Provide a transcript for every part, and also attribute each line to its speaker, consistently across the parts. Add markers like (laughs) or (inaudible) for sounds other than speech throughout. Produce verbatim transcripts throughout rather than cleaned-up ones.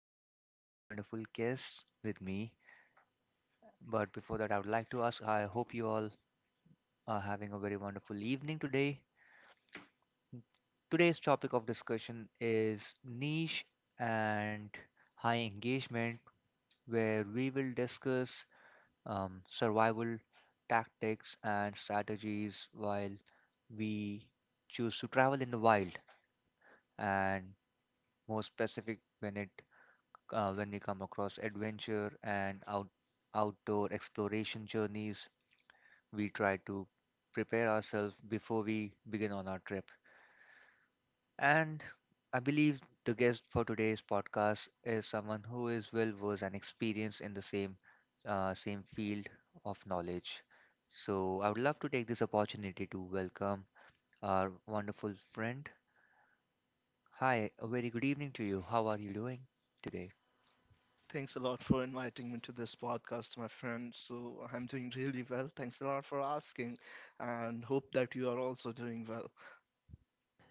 Speaker 1: I have a very wonderful guest with me. But before that, I would like to ask I hope you all are having a very wonderful evening today. Today's topic of discussion is niche and high engagement, where we will discuss um, survival tactics and strategies while we choose to travel in the wild, and more specific when it uh, when we come across adventure and out, outdoor exploration journeys, we try to prepare ourselves before we begin on our trip. And I believe the guest for today's podcast is someone who is well versed and experienced in the same uh, same field of knowledge. So I would love to take this opportunity to welcome our wonderful friend. Hi, a very good evening to you. How are you doing today?
Speaker 2: Thanks a lot for inviting me to this podcast, my friend. So I'm doing really well. Thanks a lot for asking and hope that you are also doing well.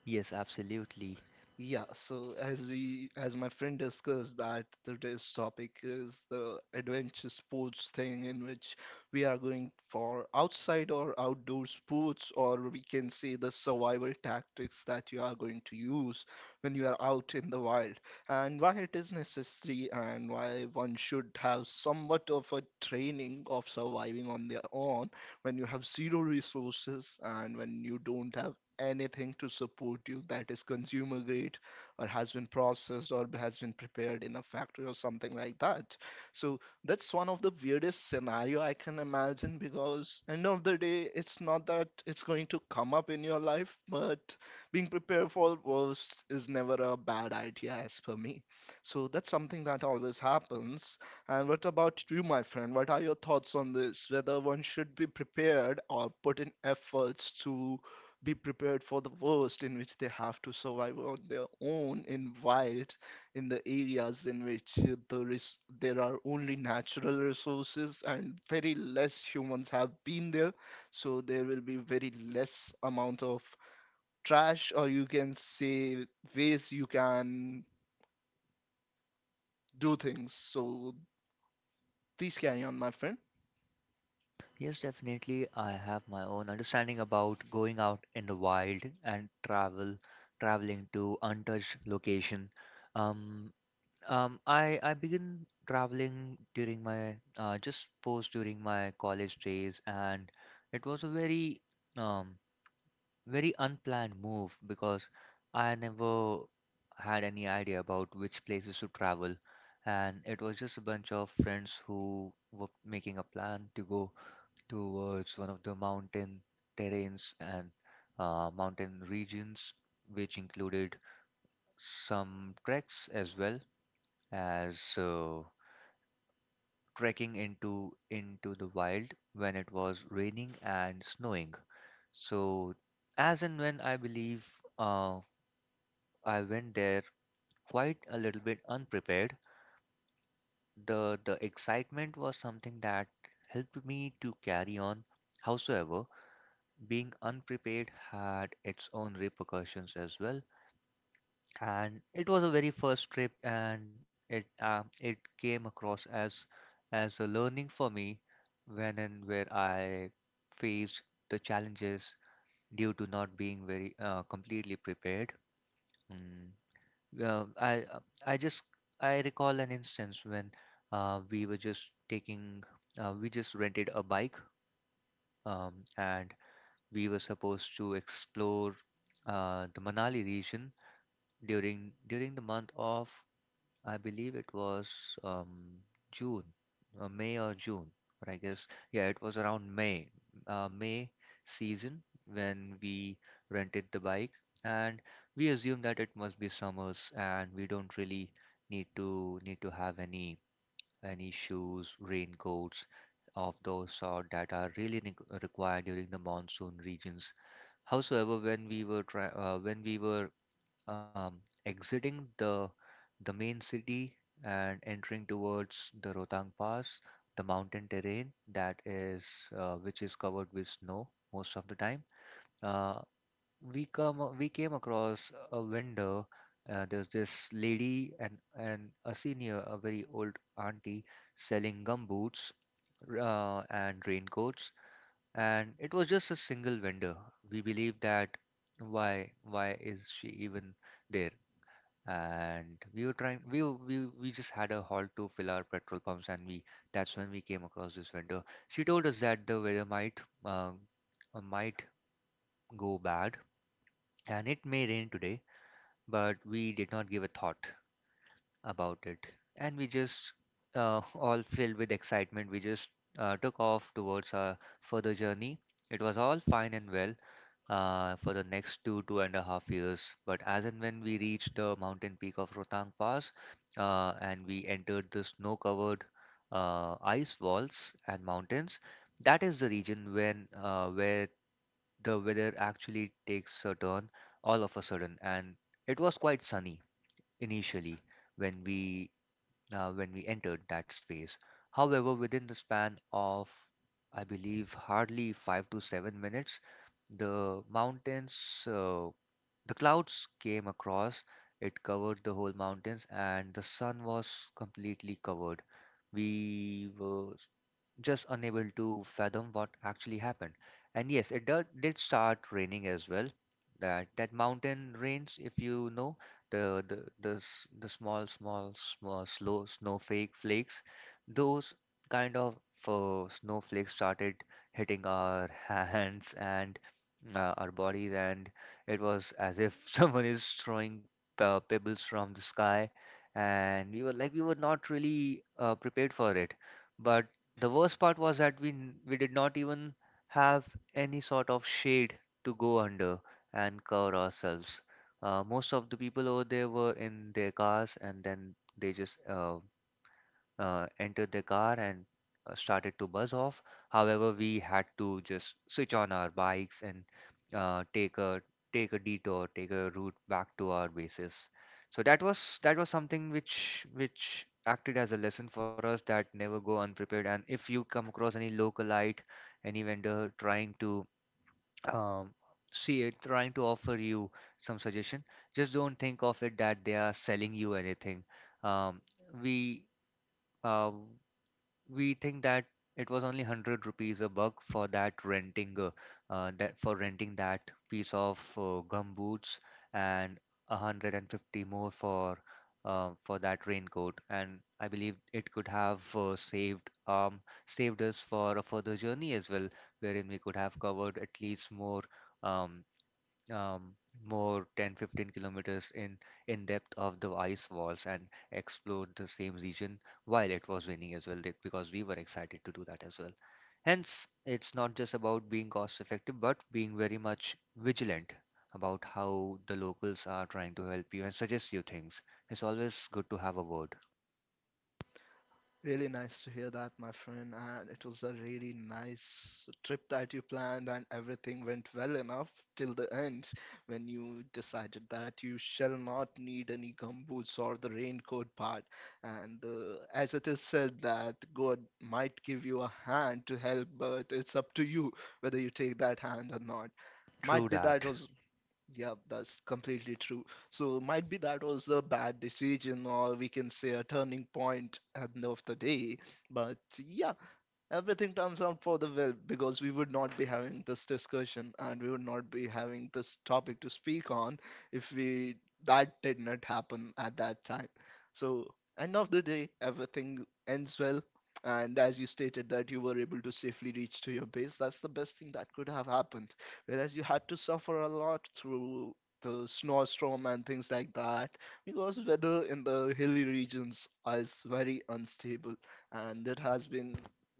Speaker 1: Yes, absolutely.
Speaker 2: Yeah, so as we, as my friend discussed that today's topic is the adventure sports thing in which we are going for outside or outdoor sports, or we can say the survival tactics that you are going to use when you are out in the wild, and why it is necessary and why one should have somewhat of a training of surviving on their own when you have zero resources and when you don't have anything to support you that is consumer grade or has been processed or has been prepared in a factory or something like that. So that's one of the weirdest scenario I can imagine because end of the day it's not that it's going to come up in your life, but being prepared for worst is never a bad idea as per me. So that's something that always happens. And what about you, my friend? What are your thoughts on this? Whether one should be prepared or put in efforts to be prepared for the worst in which they have to survive on their own in wild in the areas in which uh, there is there are only natural resources and very less humans have been there, so there will be very less amount of trash, or you can say ways you can do things. So please carry on, my friend.
Speaker 1: Yes, definitely. I have my own understanding about going out in the wild and travel, traveling to untouched location. Um, um, I I began traveling during my uh, just post during my college days, and it was a very um very unplanned move because I never had any idea about which places to travel, and it was just a bunch of friends who were making a plan to go towards one of the mountain terrains and uh, mountain regions, which included some treks as well as uh, trekking into into the wild when it was raining and snowing. So as and when I believe uh, I went there quite a little bit unprepared. The the excitement was something that helped me to carry on. Howsoever, being unprepared had its own repercussions as well, and it was a very first trip and it um, it came across as as a learning for me when and where I faced the challenges due to not being very uh, completely prepared. mm. Well, I uh, I just I recall an instance when uh, we were just taking uh, we just rented a bike, um, and we were supposed to explore uh, the Manali region during during the month of I believe it was um, June, uh, May or June, or I guess yeah, it was around May, uh, May season when we rented the bike, and we assumed that it must be summers, and we don't really need to need to have any any shoes, raincoats of those sort that are really ne- required during the monsoon regions. Howsoever, when we were try uh, when we were um, exiting the the main city and entering towards the Rotang Pass, the mountain terrain that is uh, which is covered with snow most of the time, uh, we come a- we came across a vendor. Uh, there's this lady and and a senior, a very old auntie, selling gumboots r- uh, and raincoats, and it was just a single vendor. We believe that why why is she even there? And we were trying we were- we we just had a halt to fill our petrol pumps, and we that's when we came across this vendor. She told us that the weather might uh, uh, might go bad, and it may rain today, but we did not give a thought about it, and we just uh, (laughs) all filled with excitement, we just uh, took off towards our further journey. It was all fine and well uh, for the next two, two and a half years. But as and when we reached the mountain peak of Rotang Pass, uh, and we entered the snow covered uh, ice walls and mountains, that is the region when uh, where the weather actually takes a turn all of a sudden. And it was quite sunny initially when we uh, when we entered that space. However, within the span of, I believe, hardly five to seven minutes, the mountains, uh, the clouds came across. It covered the whole mountains, and the sun was completely covered. We were just unable to fathom what actually happened. And yes, it do- did start raining as well. That that mountain rains, if you know, the the the, s- the small, small, small, slow snowflake flakes, those kind of uh, snowflakes started hitting our (laughs) hands and uh, our bodies, and it was as if (laughs) someone is throwing uh, pebbles from the sky, and we were like we were not really uh, prepared for it, but the worst part was that we n- we did not even have any sort of shade to go under and cover ourselves. Uh, most of the people over there were in their cars, and then they just uh, uh, entered the car and uh, started to buzz off. However, we had to just switch on our bikes and uh, take a take a detour, take a route back to our bases. So that was that was something which which acted as a lesson for us that never go unprepared. And if you come across any localite, any vendor trying to um, see it, trying to offer you some suggestion, just don't think of it that they are selling you anything. Um, we uh, we think that it was only one hundred rupees a buck for that renting uh, uh, that for renting that piece of uh, gum boots, and one hundred fifty more for uh, for that raincoat, and I believe it could have uh, saved um saved us for a further journey as well, wherein we could have covered at least more um, um, more ten fifteen kilometers in in depth of the ice walls and explored the same region while it was raining as well that- because we were excited to do that as well, hence it's not just about being cost effective but being very much vigilant about how the locals are trying to help you and suggest you things. It's always good to have a word.
Speaker 2: Really nice to hear that, my friend. And it was a really nice trip that you planned, and everything went well enough till the end when you decided that you shall not need any gumboots or the raincoat part. And uh, as it is said, that God might give you a hand to help, but it's up to you whether you take that hand or not. Might
Speaker 1: True
Speaker 2: be that
Speaker 1: that.
Speaker 2: was. Yeah, that's completely true. So might be that was a bad decision, or we can say a turning point at the end of the day. But yeah, everything turns out for the well because we would not be having this discussion and we would not be having this topic to speak on if we that did not happen at that time. So end of the day, everything ends well. And as you stated that you were able to safely reach to your base, that's the best thing that could have happened. Whereas you had to suffer a lot through the snowstorm and things like that because weather in the hilly regions is very unstable and it has been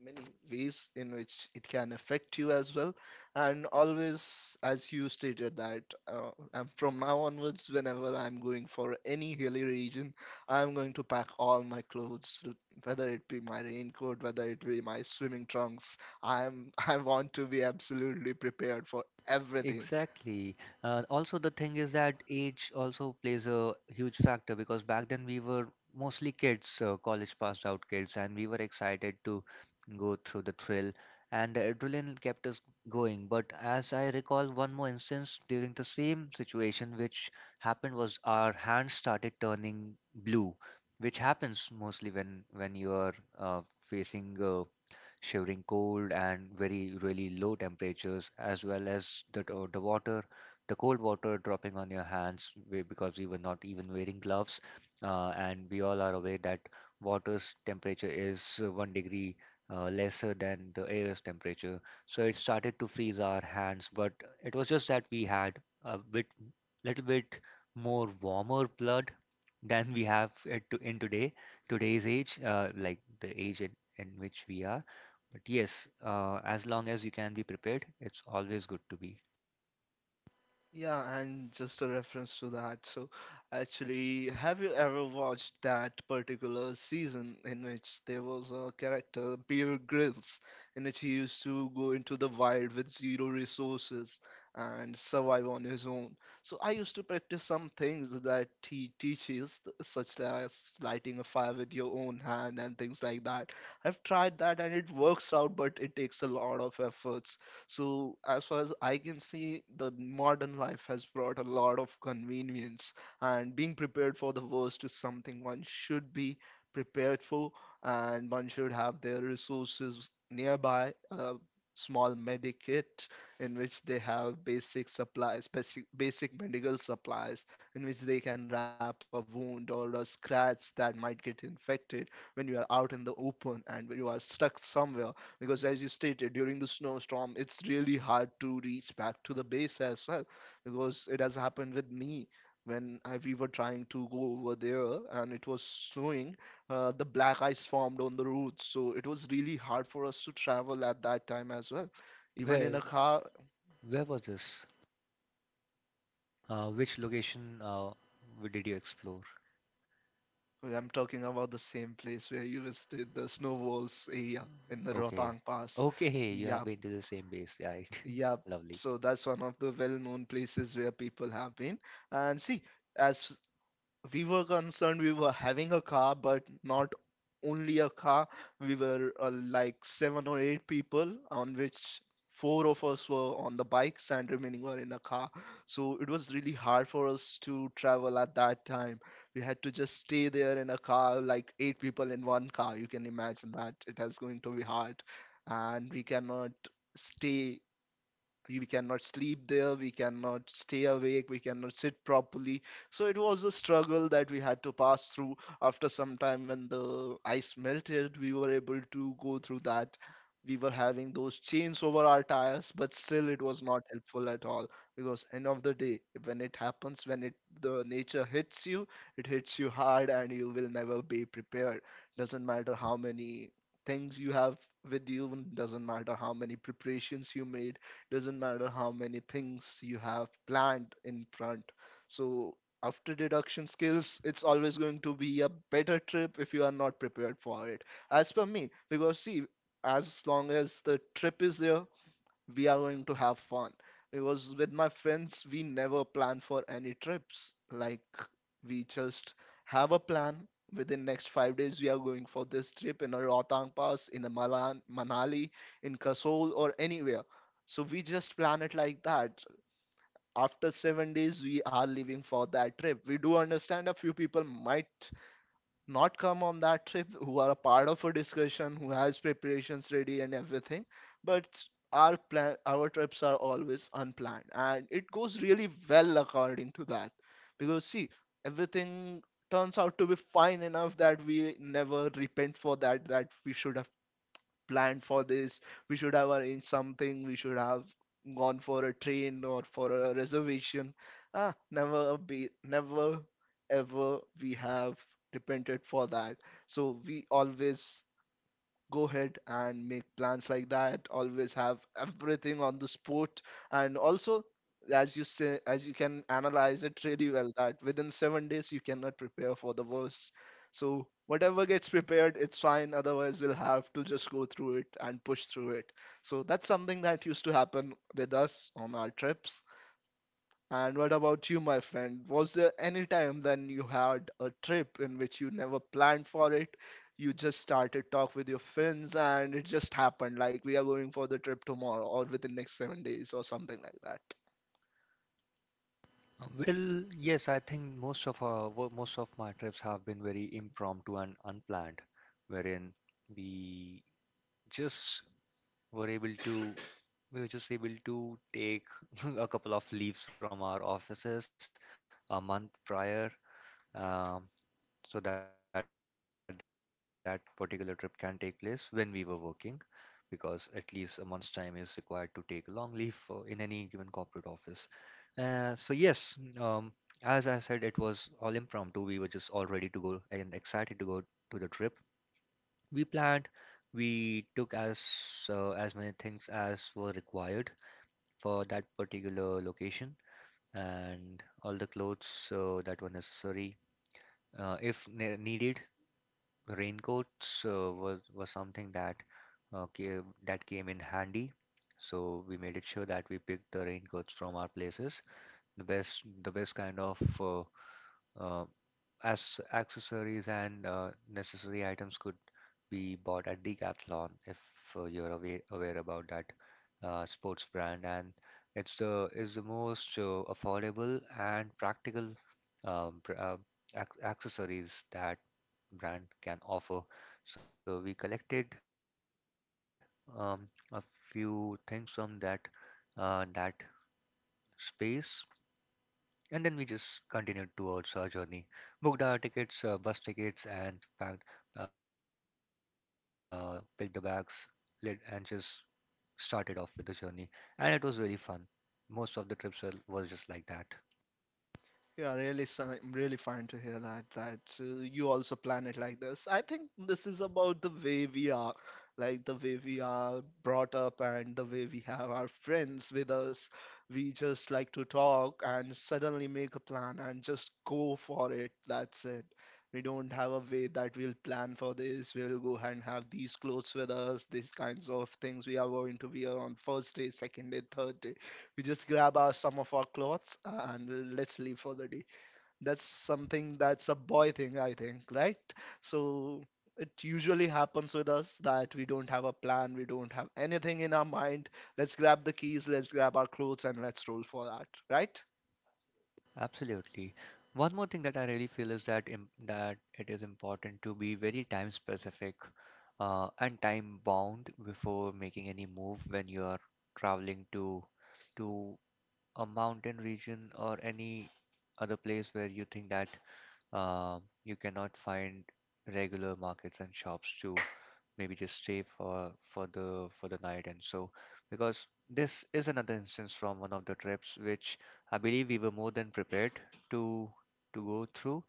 Speaker 2: many ways in which it can affect you as well. And always, as you stated, that uh, um, from now onwards, whenever I'm going for any hilly region, I'm going to pack all my clothes, l- whether it be my raincoat, whether it be my swimming trunks. I'm (laughs) I want to be absolutely prepared for everything.
Speaker 1: Exactly. Uh, also, the thing is that age also plays a huge factor because back then we were mostly kids, uh, college passed out kids, and we were excited to go through the thrill, and the adrenaline kept us going. But as I recall, one more instance during the same situation, which happened was our hands started turning blue, which happens mostly when when you are uh, facing uh, shivering cold and very really low temperatures, as well as the t- the water the cold water dropping on your hands we- because we were not even wearing gloves, uh, and we all are aware that water's temperature is uh, one degree uh, lesser than the air's temperature, so it started to freeze our hands. But it was just that we had a bit little bit more warmer blood than we have it to, in today today's age, uh, like the age in, in which we are. But yes, uh, as long as you can be prepared, it's always good to be.
Speaker 2: Yeah, and just a reference to that. So, actually, have you ever watched that particular season in which there was a character, Bear Grylls, in which he used to go into the wild with zero resources and survive on his own? So, I used to practice some things that he teaches, th- such as lighting a fire with your own hand and things like that. I've tried that and it works out, but it takes a lot of effort. So, as far as I can see, the modern life has brought a lot of convenience, and being prepared for the worst is something one should be prepared for, and one should have their resources nearby. A small medic kit in which they have basic supplies, basic, basic medical supplies, in which they can wrap a wound or a scratch that might get infected when you are out in the open and when you are stuck somewhere because as you stated during the snowstorm it's really hard to reach back to the base as well because it has happened with me when I, we were trying to go over there and it was snowing, uh, the black ice formed on the roads, so it was really hard for us to travel at that time as well, even in
Speaker 1: Where
Speaker 2: a car.
Speaker 1: where was this? Uh, which location uh, w- did you explore?
Speaker 2: I'm talking about the same place where you visited the snow walls area in the
Speaker 1: Okay.
Speaker 2: Rotang Pass.
Speaker 1: Okay, you
Speaker 2: Yeah,
Speaker 1: have been to the same base, right?
Speaker 2: yeah.
Speaker 1: (laughs) Lovely.
Speaker 2: So
Speaker 1: Uh,
Speaker 2: that's one of the well-known places where people have been. And see, as we were concerned, we were having a car, but not only a car. We were uh, like seven or eight people, on which four of us were on the bikes and remaining were in a car. So it was really hard for us to travel at that time. We had to just stay there in a car, like eight people in one car. You can imagine that it was going to be hard, and we cannot stay, we cannot sleep there, we cannot stay awake, we cannot sit properly, so it was a struggle that we had to pass through. After some time when the ice melted we were able to go through that. We were having those chains over our tires but still it was not helpful at all because end of the day when it happens, when it the nature hits you, it hits you hard and you will never be prepared. Doesn't matter how many things you have with you, doesn't matter how many preparations you made, doesn't matter how many things you have planned in front. So after deduction skills it's always going to be a better trip if you are not prepared for it, as per me, because see, as long as the trip is there we are going to have fun, because with my friends we never plan for any trips. Like, we just have a plan, within next five days we are going for this trip in a Rohtang Pass in a Malan, Manali, in Kasol or anywhere. So we just plan it like that. After seven days we are leaving for that trip. We do understand a few people might not come on that trip who are a part of a discussion who has preparations ready and everything, but our plan, our trips are always unplanned, and it goes really well according to that. Because see, everything turns out to be fine enough that we never repent for that, that we should have planned for this. We should have arranged something. We should have gone for a train or for a reservation. Ah, never be, never ever we have repented for that. So we always go ahead and make plans like that, always have everything on the spot. And also, as you say, as you can analyze it really well, that within seven days you cannot prepare for the worst, so whatever gets prepared it's fine, otherwise we'll have to just go through it and push through it. So that's something that used to happen with us on our trips. And what about you, my friend? Was there any time then you had a trip in which you never planned for it? You just started talk with your friends and it just happened like we are going for the trip tomorrow or within next seven days or something like that.
Speaker 1: Well, yes, I think most of our wo- most of my trips have been very impromptu and unplanned, wherein we just were able to we were just able to take (laughs) a couple of leaves from our offices a month prior, um, so that that particular trip can take place when we were working, because at least a month's time is required to take a long leave for, in any given corporate office. Uh, so yes, mm, um, as I said, it was all impromptu. We were just all ready to go and excited to go to the trip. We planned, we took as uh, as many things as were required for that particular location and all the clothes uh, that were necessary. Uh, if ne needed, raincoats uh, was was something that uh, came, that came in handy. So we made it sure that we picked the raincoats from our places, the best the best kind of uh, uh, as accessories and uh, necessary items could be bought at Decathlon if uh, you're aware, aware about that uh, sports brand, and it's the is the most uh, affordable and practical um, pr- uh, ac- accessories that brand can offer. So we collected um, a few things from that uh, that space, and then we just continued towards our journey, booked our tickets, uh, bus tickets, and packed, uh, picked the bags, lit, and just started off with the journey. And it was really fun. Most of the trips were, was just like that.
Speaker 2: Yeah, really, si- really fine to hear that. That uh, you also plan it like this. I think this is about the way we are, like the way we are brought up and the way we have our friends with us. We just like to talk and suddenly make a plan and just go for it. That's it. We don't have a way that we'll plan for this. We'll go and have these clothes with us, these kinds of things we are going to wear on first day, second day, third day. We just grab our some of our clothes uh, and let's leave for the day. That's something that's a boy thing I think, right? So it usually happens with us that we don't have a plan, we don't have anything in our mind. Let's grab the keys, let's grab our clothes, and let's roll for that, right?
Speaker 1: Absolutely. One more thing that I really feel is that im that it is important to be very time specific, uh, and time bound before making any move when you are traveling to to a mountain region or any other place where you think that, uh, you cannot find regular markets and shops to maybe just stay for for the for the night. And so, because this is another instance from one of the trips which I believe we were more than prepared to to go through.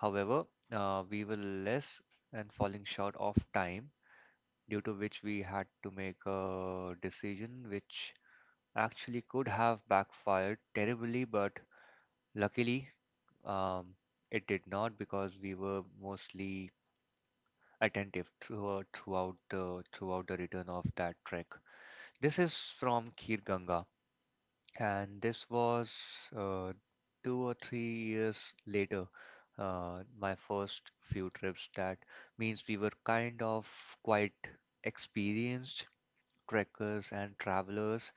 Speaker 1: However, uh, we were less and falling short of time, due to which we had to make a decision which actually could have backfired terribly, but luckily, um, it did not because we were mostly attentive through, throughout the throughout the return of that trek. This is from Khir Ganga, and this was, uh, two or three years later. Uh, my first few trips. That means we were kind of quite experienced trekkers and travelers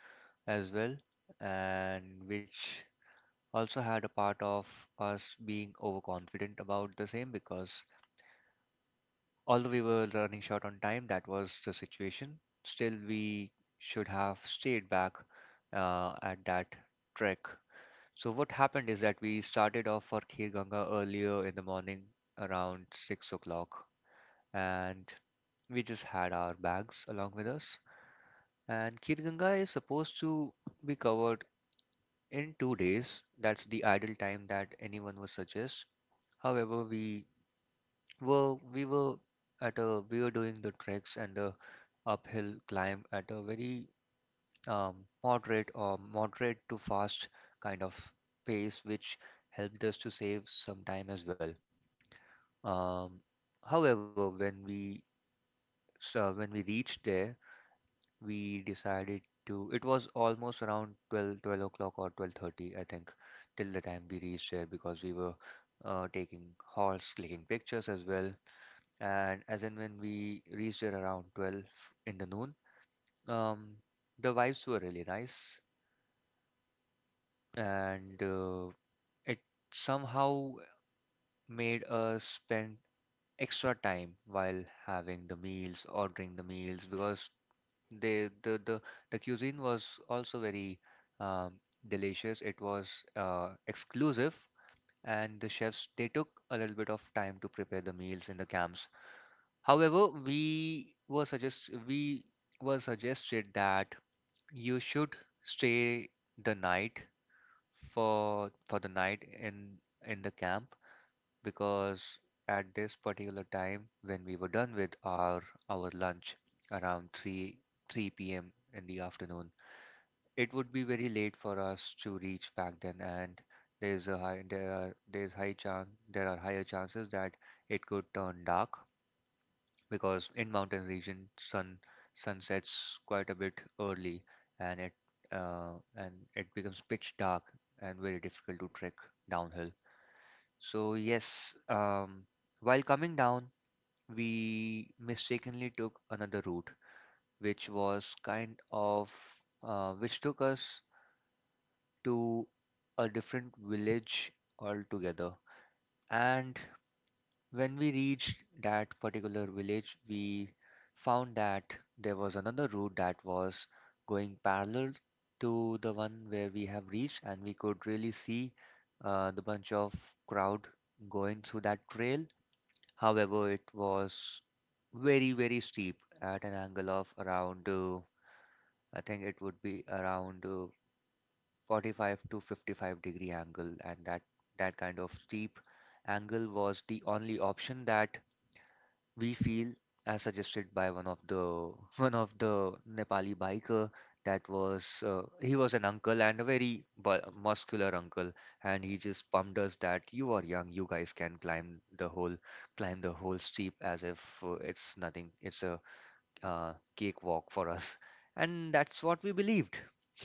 Speaker 1: as well, and which also had a part of us being overconfident about the same because although we were running short on time, that was the situation. Still, we should have stayed back, uh, at that trek. So what happened is that we started off for Khir Ganga earlier in the morning around six o'clock, and we just had our bags along with us. And Khir Ganga is supposed to be covered in two days. That's the ideal time that anyone would suggest. However, we were we were at a we were doing the treks and the uphill climb at a very, um, moderate or moderate to fast kind of pace, which helped us to save some time as well. Um, however, when we so when we reached there, we decided to. It was almost around twelve twelve o'clock or twelve thirty, I think, till the time we reached there because we were, uh, taking halts, clicking pictures as well. And as and when we reached there around twelve in the noon, um, the vibes were really nice, and, uh, it somehow made us spend extra time while having the meals, ordering the meals, because they the the, the cuisine was also very, um, delicious. It was, uh, exclusive, and the chefs, they took a little bit of time to prepare the meals in the camps. However, we were suggest we were suggested that you should stay the night for for the night in in the camp because at this particular time when we were done with our our lunch around three three p m in the afternoon, it would be very late for us to reach back. Then, and there's a high there are there's high chance there are higher chances that it could turn dark because in mountain region, sun sun sets quite a bit early, and it uh, and it becomes pitch dark and very difficult to trek downhill. So yes, um, while coming down, we mistakenly took another route, which was kind of, uh, which took us to a different village altogether. And when we reached that particular village, we found that there was another route that was going parallel to the one where we have reached, and we could really see, uh, the bunch of crowd going through that trail. However, it was very, very steep at an angle of around, uh, I think it would be around, uh, forty-five to fifty-five degree angle, and that that kind of steep angle was the only option that we feel, as suggested by one of the (laughs) one of the Nepali biker. That was, uh, he was an uncle and a very bu- muscular uncle, and he just pumped us that you are young, you guys can climb the whole climb the whole steep as if, uh, it's nothing, it's a, uh, cakewalk for us. (laughs) And that's what we believed.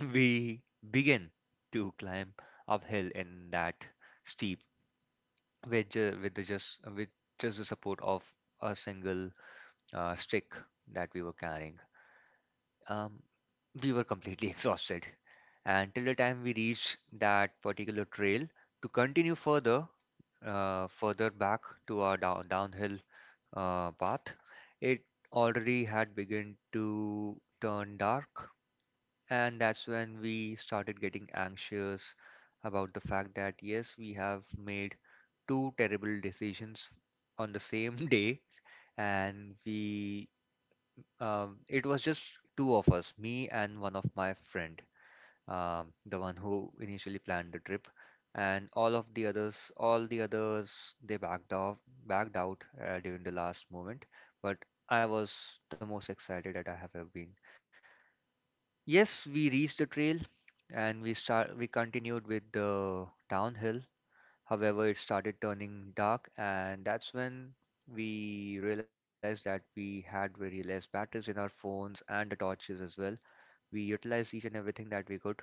Speaker 1: (laughs) We began to climb uphill in that steep with ju- with the just with just the support of a single, uh, stick that we were carrying. Um, we were completely (laughs) exhausted. And till the time we reached that particular trail, to continue further, uh, further back to our down, downhill, uh, path, it already had begun to turn dark. And that's when we started getting anxious about the fact that, yes, we have made two terrible decisions on the same (laughs) day, and we, um, it was just two of us, me and one of my friend, um, the one who initially planned the trip, and all of the others, all the others, they backed off, backed out, uh, during the last moment. But I was the most excited that I have ever been. Yes, we reached the trail, and we start, we continued with the downhill. However, it started turning dark, and that's when we realized that we had very less batteries in our phones and the torches as well. We utilized each and everything that we could,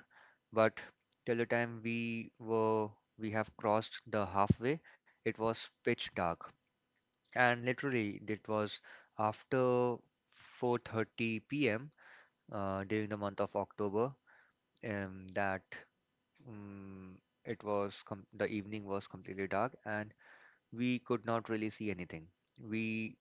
Speaker 1: but till the time we were we have crossed the halfway, it was pitch dark. And literally, it was after four thirty p m. Uh, during the month of October, um, that um, it was com- the evening was completely dark and we could not really see anything. We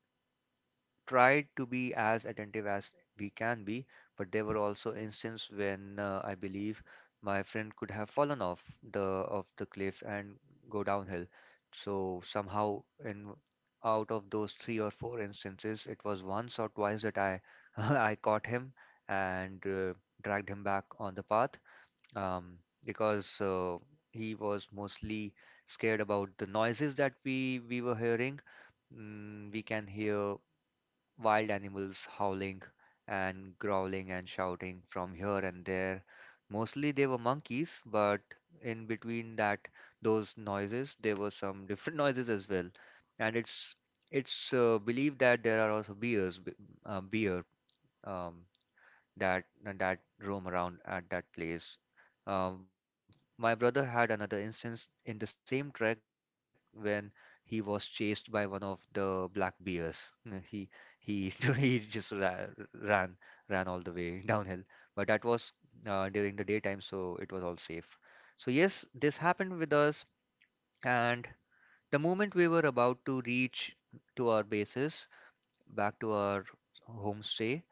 Speaker 1: tried to be as attentive as we can be, but there were also instances when, uh, I believe my friend could have fallen off the of the cliff and go downhill. So somehow in out of those three or four instances, it was once or twice that I (laughs) I caught him and, uh, dragged him back on the path, um, because uh, he was mostly scared about the noises that we we were hearing. Mm, we can hear wild animals howling and growling and shouting from here and there. Mostly they were monkeys, but in between that, those noises, there were some different (laughs) noises as well. And it's it's uh, believed that there are also bears, b- uh, bear, um, that that roam around at that place. Um, my brother had another instance in the same trek when he was chased by one of the black bears. Uh, He he (laughs) he just ra ran ran all the way (laughs) downhill, but that was, uh, during the daytime, so it was all safe. So yes, this happened with us, and the moment we were about to reach to our bases, back to our homestay,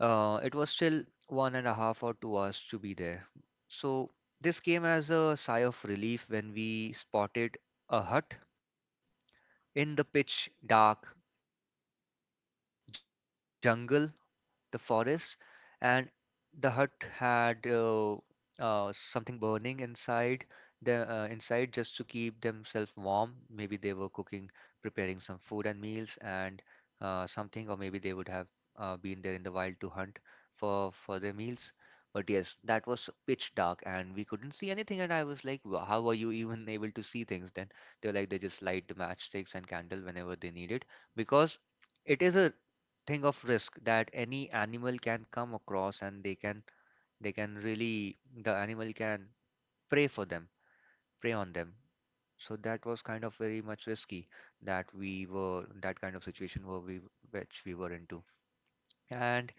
Speaker 1: uh, it was still one and a half or two hours to be there. So this came as a sigh of relief when we spotted a hut in the pitch dark jungle, the forest, and the hut had, uh, uh, something burning inside the uh, inside, just to keep themselves warm. Maybe they were cooking, preparing some food and meals and, uh, something, or maybe they would have, uh, been there in the wild to hunt for for their meals. But yes, that was pitch dark and we couldn't see anything. And I was like, "Wh- how are you even (laughs) able to see things then?" They were like, they just light the matchsticks and candle whenever they needed because it is a thing of risk that any animal can come across and they can they can really, the animal can prey for them prey on them. So that was kind of very much risky, that we were that kind of situation were we which we were into. And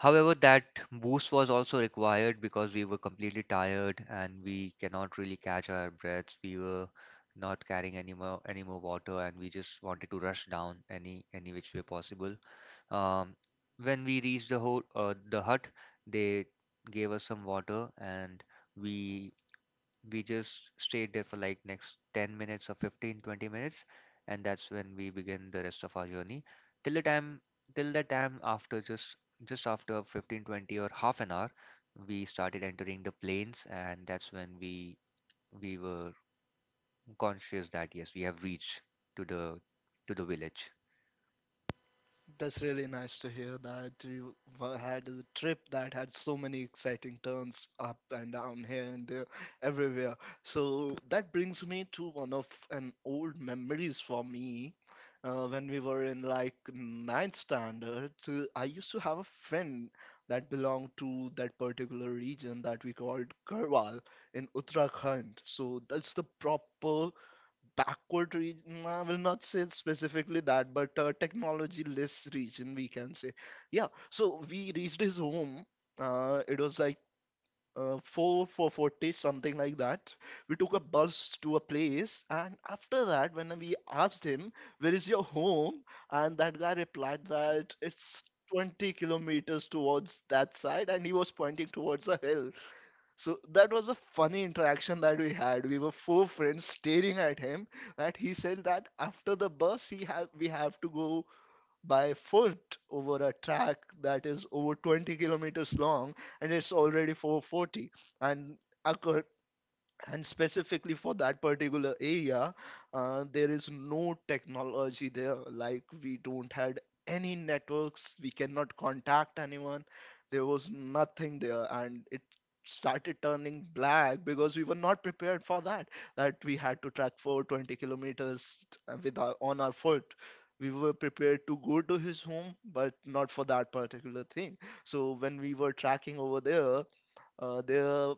Speaker 1: however, that boost was also required because we were completely tired and we cannot really catch our breaths. We were not carrying any more any more water, and we just wanted to rush down any any which way possible. Um, when we reached the ho uh, the hut, they gave us some water, and we we just stayed there for like next ten minutes or fifteen, twenty minutes, and that's when we begin the rest of our journey. Till the time till the time after just just after fifteen, twenty, or half an hour, we started entering the plains, and that's when we we were conscious that yes, we have reached to the, to the village.
Speaker 2: That's really nice to hear that you wa- had a trip that had so many exciting turns up and down here and there, everywhere. So that brings me to one of an old memories for me. Uh, when we were in like ninth standard, uh, I used to have a friend that belonged to that particular region that we called Garhwal in Uttarakhand. So that's the proper backward region. I will not say specifically that, but uh, technology less region, we can say. Yeah, so we reached his home. Uh, it was like uh, four four forty, something like that. We took a bus to a place, and after that when we asked him, where is your home? And that guy replied that it's twenty kilometers towards that side, and he was pointing towards a hill. So that was a funny interaction that we had. We were four friends staring at him, that he said that after the bus, he have we have to go by foot over a track that is over twenty kilometers long, and it's already four forty. And acco- and specifically for that particular area, uh, there is no technology there. Like, we don't had any networks, we cannot contact anyone. There was nothing there, and it started turning black because we were not prepared for that, that we had to track for twenty kilometers uh, with our, on our foot. We were prepared to go to his home, but not for that particular thing. So when we were tracking over there, uh, there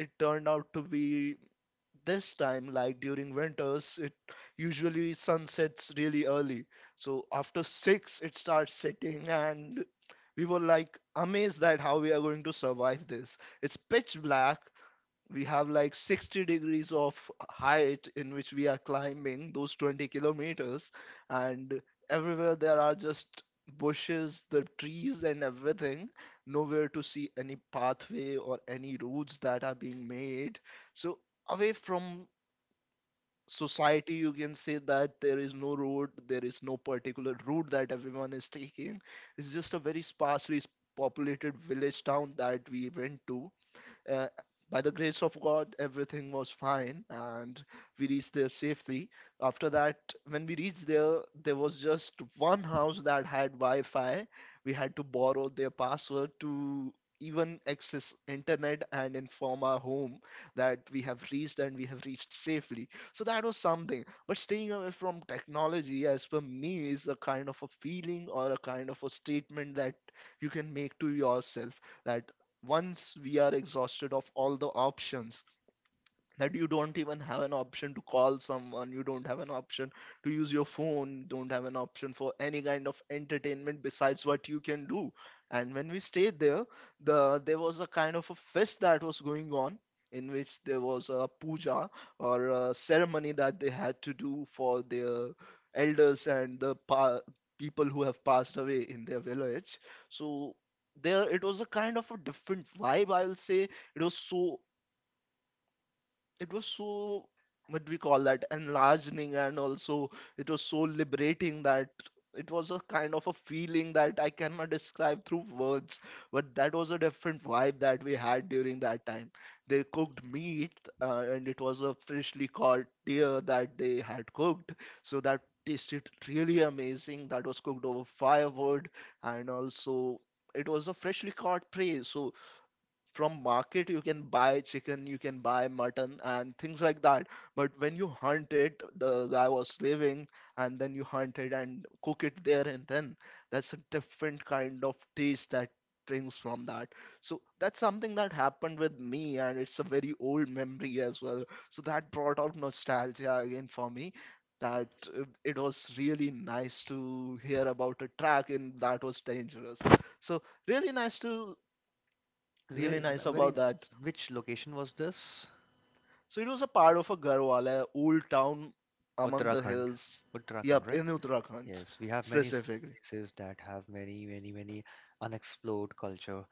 Speaker 2: it turned out to be, this time, like during winters, it usually sunsets really early. So after six, it starts setting, and we were like amazed that how we are going to survive this. It's pitch black, we have like sixty degrees of height in which we are climbing those twenty kilometers, and everywhere there are just bushes, the trees and everything, nowhere to see any pathway or any routes that are being made. So, away from society, you can say that there is no road, there is no particular route that everyone is taking. It's just a very sparsely populated village town that we went to. uh, by the grace of God, everything was fine, and we reached there safely. After that, when we reached there, there was just one house that had Wi-Fi. We had to borrow their password to even access internet and inform our home that we have reached and we have reached safely. So that was something. But staying away from technology, as per me, is a kind of a feeling or a kind of a statement that you can make to yourself, that once we are exhausted of all the options, that you don't even have an option to call someone, you don't have an option to use your phone, you don't have an option for any kind of entertainment besides what you can do. And when we stayed there, the there was a kind of a fest that was going on, in which there was a puja or a ceremony that they had to do for their elders and the pa- people who have passed away in their village. So there, it was a kind of a different vibe, I will say. It was so it was so what do we call that, enlarging, and also it was so liberating. That it was a kind of a feeling that I cannot describe through words, but that was a different vibe that we had during that time. They cooked meat, uh, and it was a freshly caught deer that they had cooked, so that tasted really amazing. That was cooked over firewood, and also it was a freshly caught prey. So from market you can buy chicken, you can buy mutton and things like that, but when you hunt it, the guy was living and then you hunt it and cook it there and then, that's a different kind of taste that brings from that. So that's something that happened with me, and it's a very old memory as well. So that brought out nostalgia again for me, that uh, it was really nice to hear about a track, and that was dangerous. So really nice to really
Speaker 1: Ve- n-
Speaker 2: nice
Speaker 1: Very,
Speaker 2: about that.
Speaker 1: which location was this?
Speaker 2: So it was a part of a Garhwala old town among the
Speaker 1: Uttarakhand.
Speaker 2: hills.
Speaker 1: Uttarakhand,
Speaker 2: Yep,
Speaker 1: right?
Speaker 2: in Uttarakhand
Speaker 1: Yes, we have many such
Speaker 2: specifically.
Speaker 1: places that have many, many, many unexplored culture.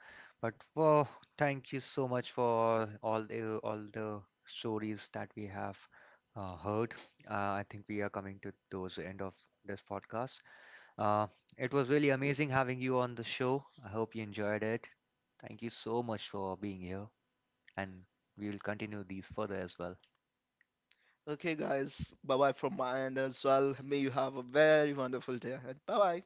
Speaker 1: But wow, thank you so much for all the all the stories that we have, uh, heard. Uh, I think we are coming to those end of this podcast. Uh, it was really amazing having you on the show. I hope you enjoyed it. Thank you so much for being here, and we will continue these further as well.
Speaker 2: Okay, guys, bye bye from my end as well. May you have a very wonderful day ahead. Bye bye.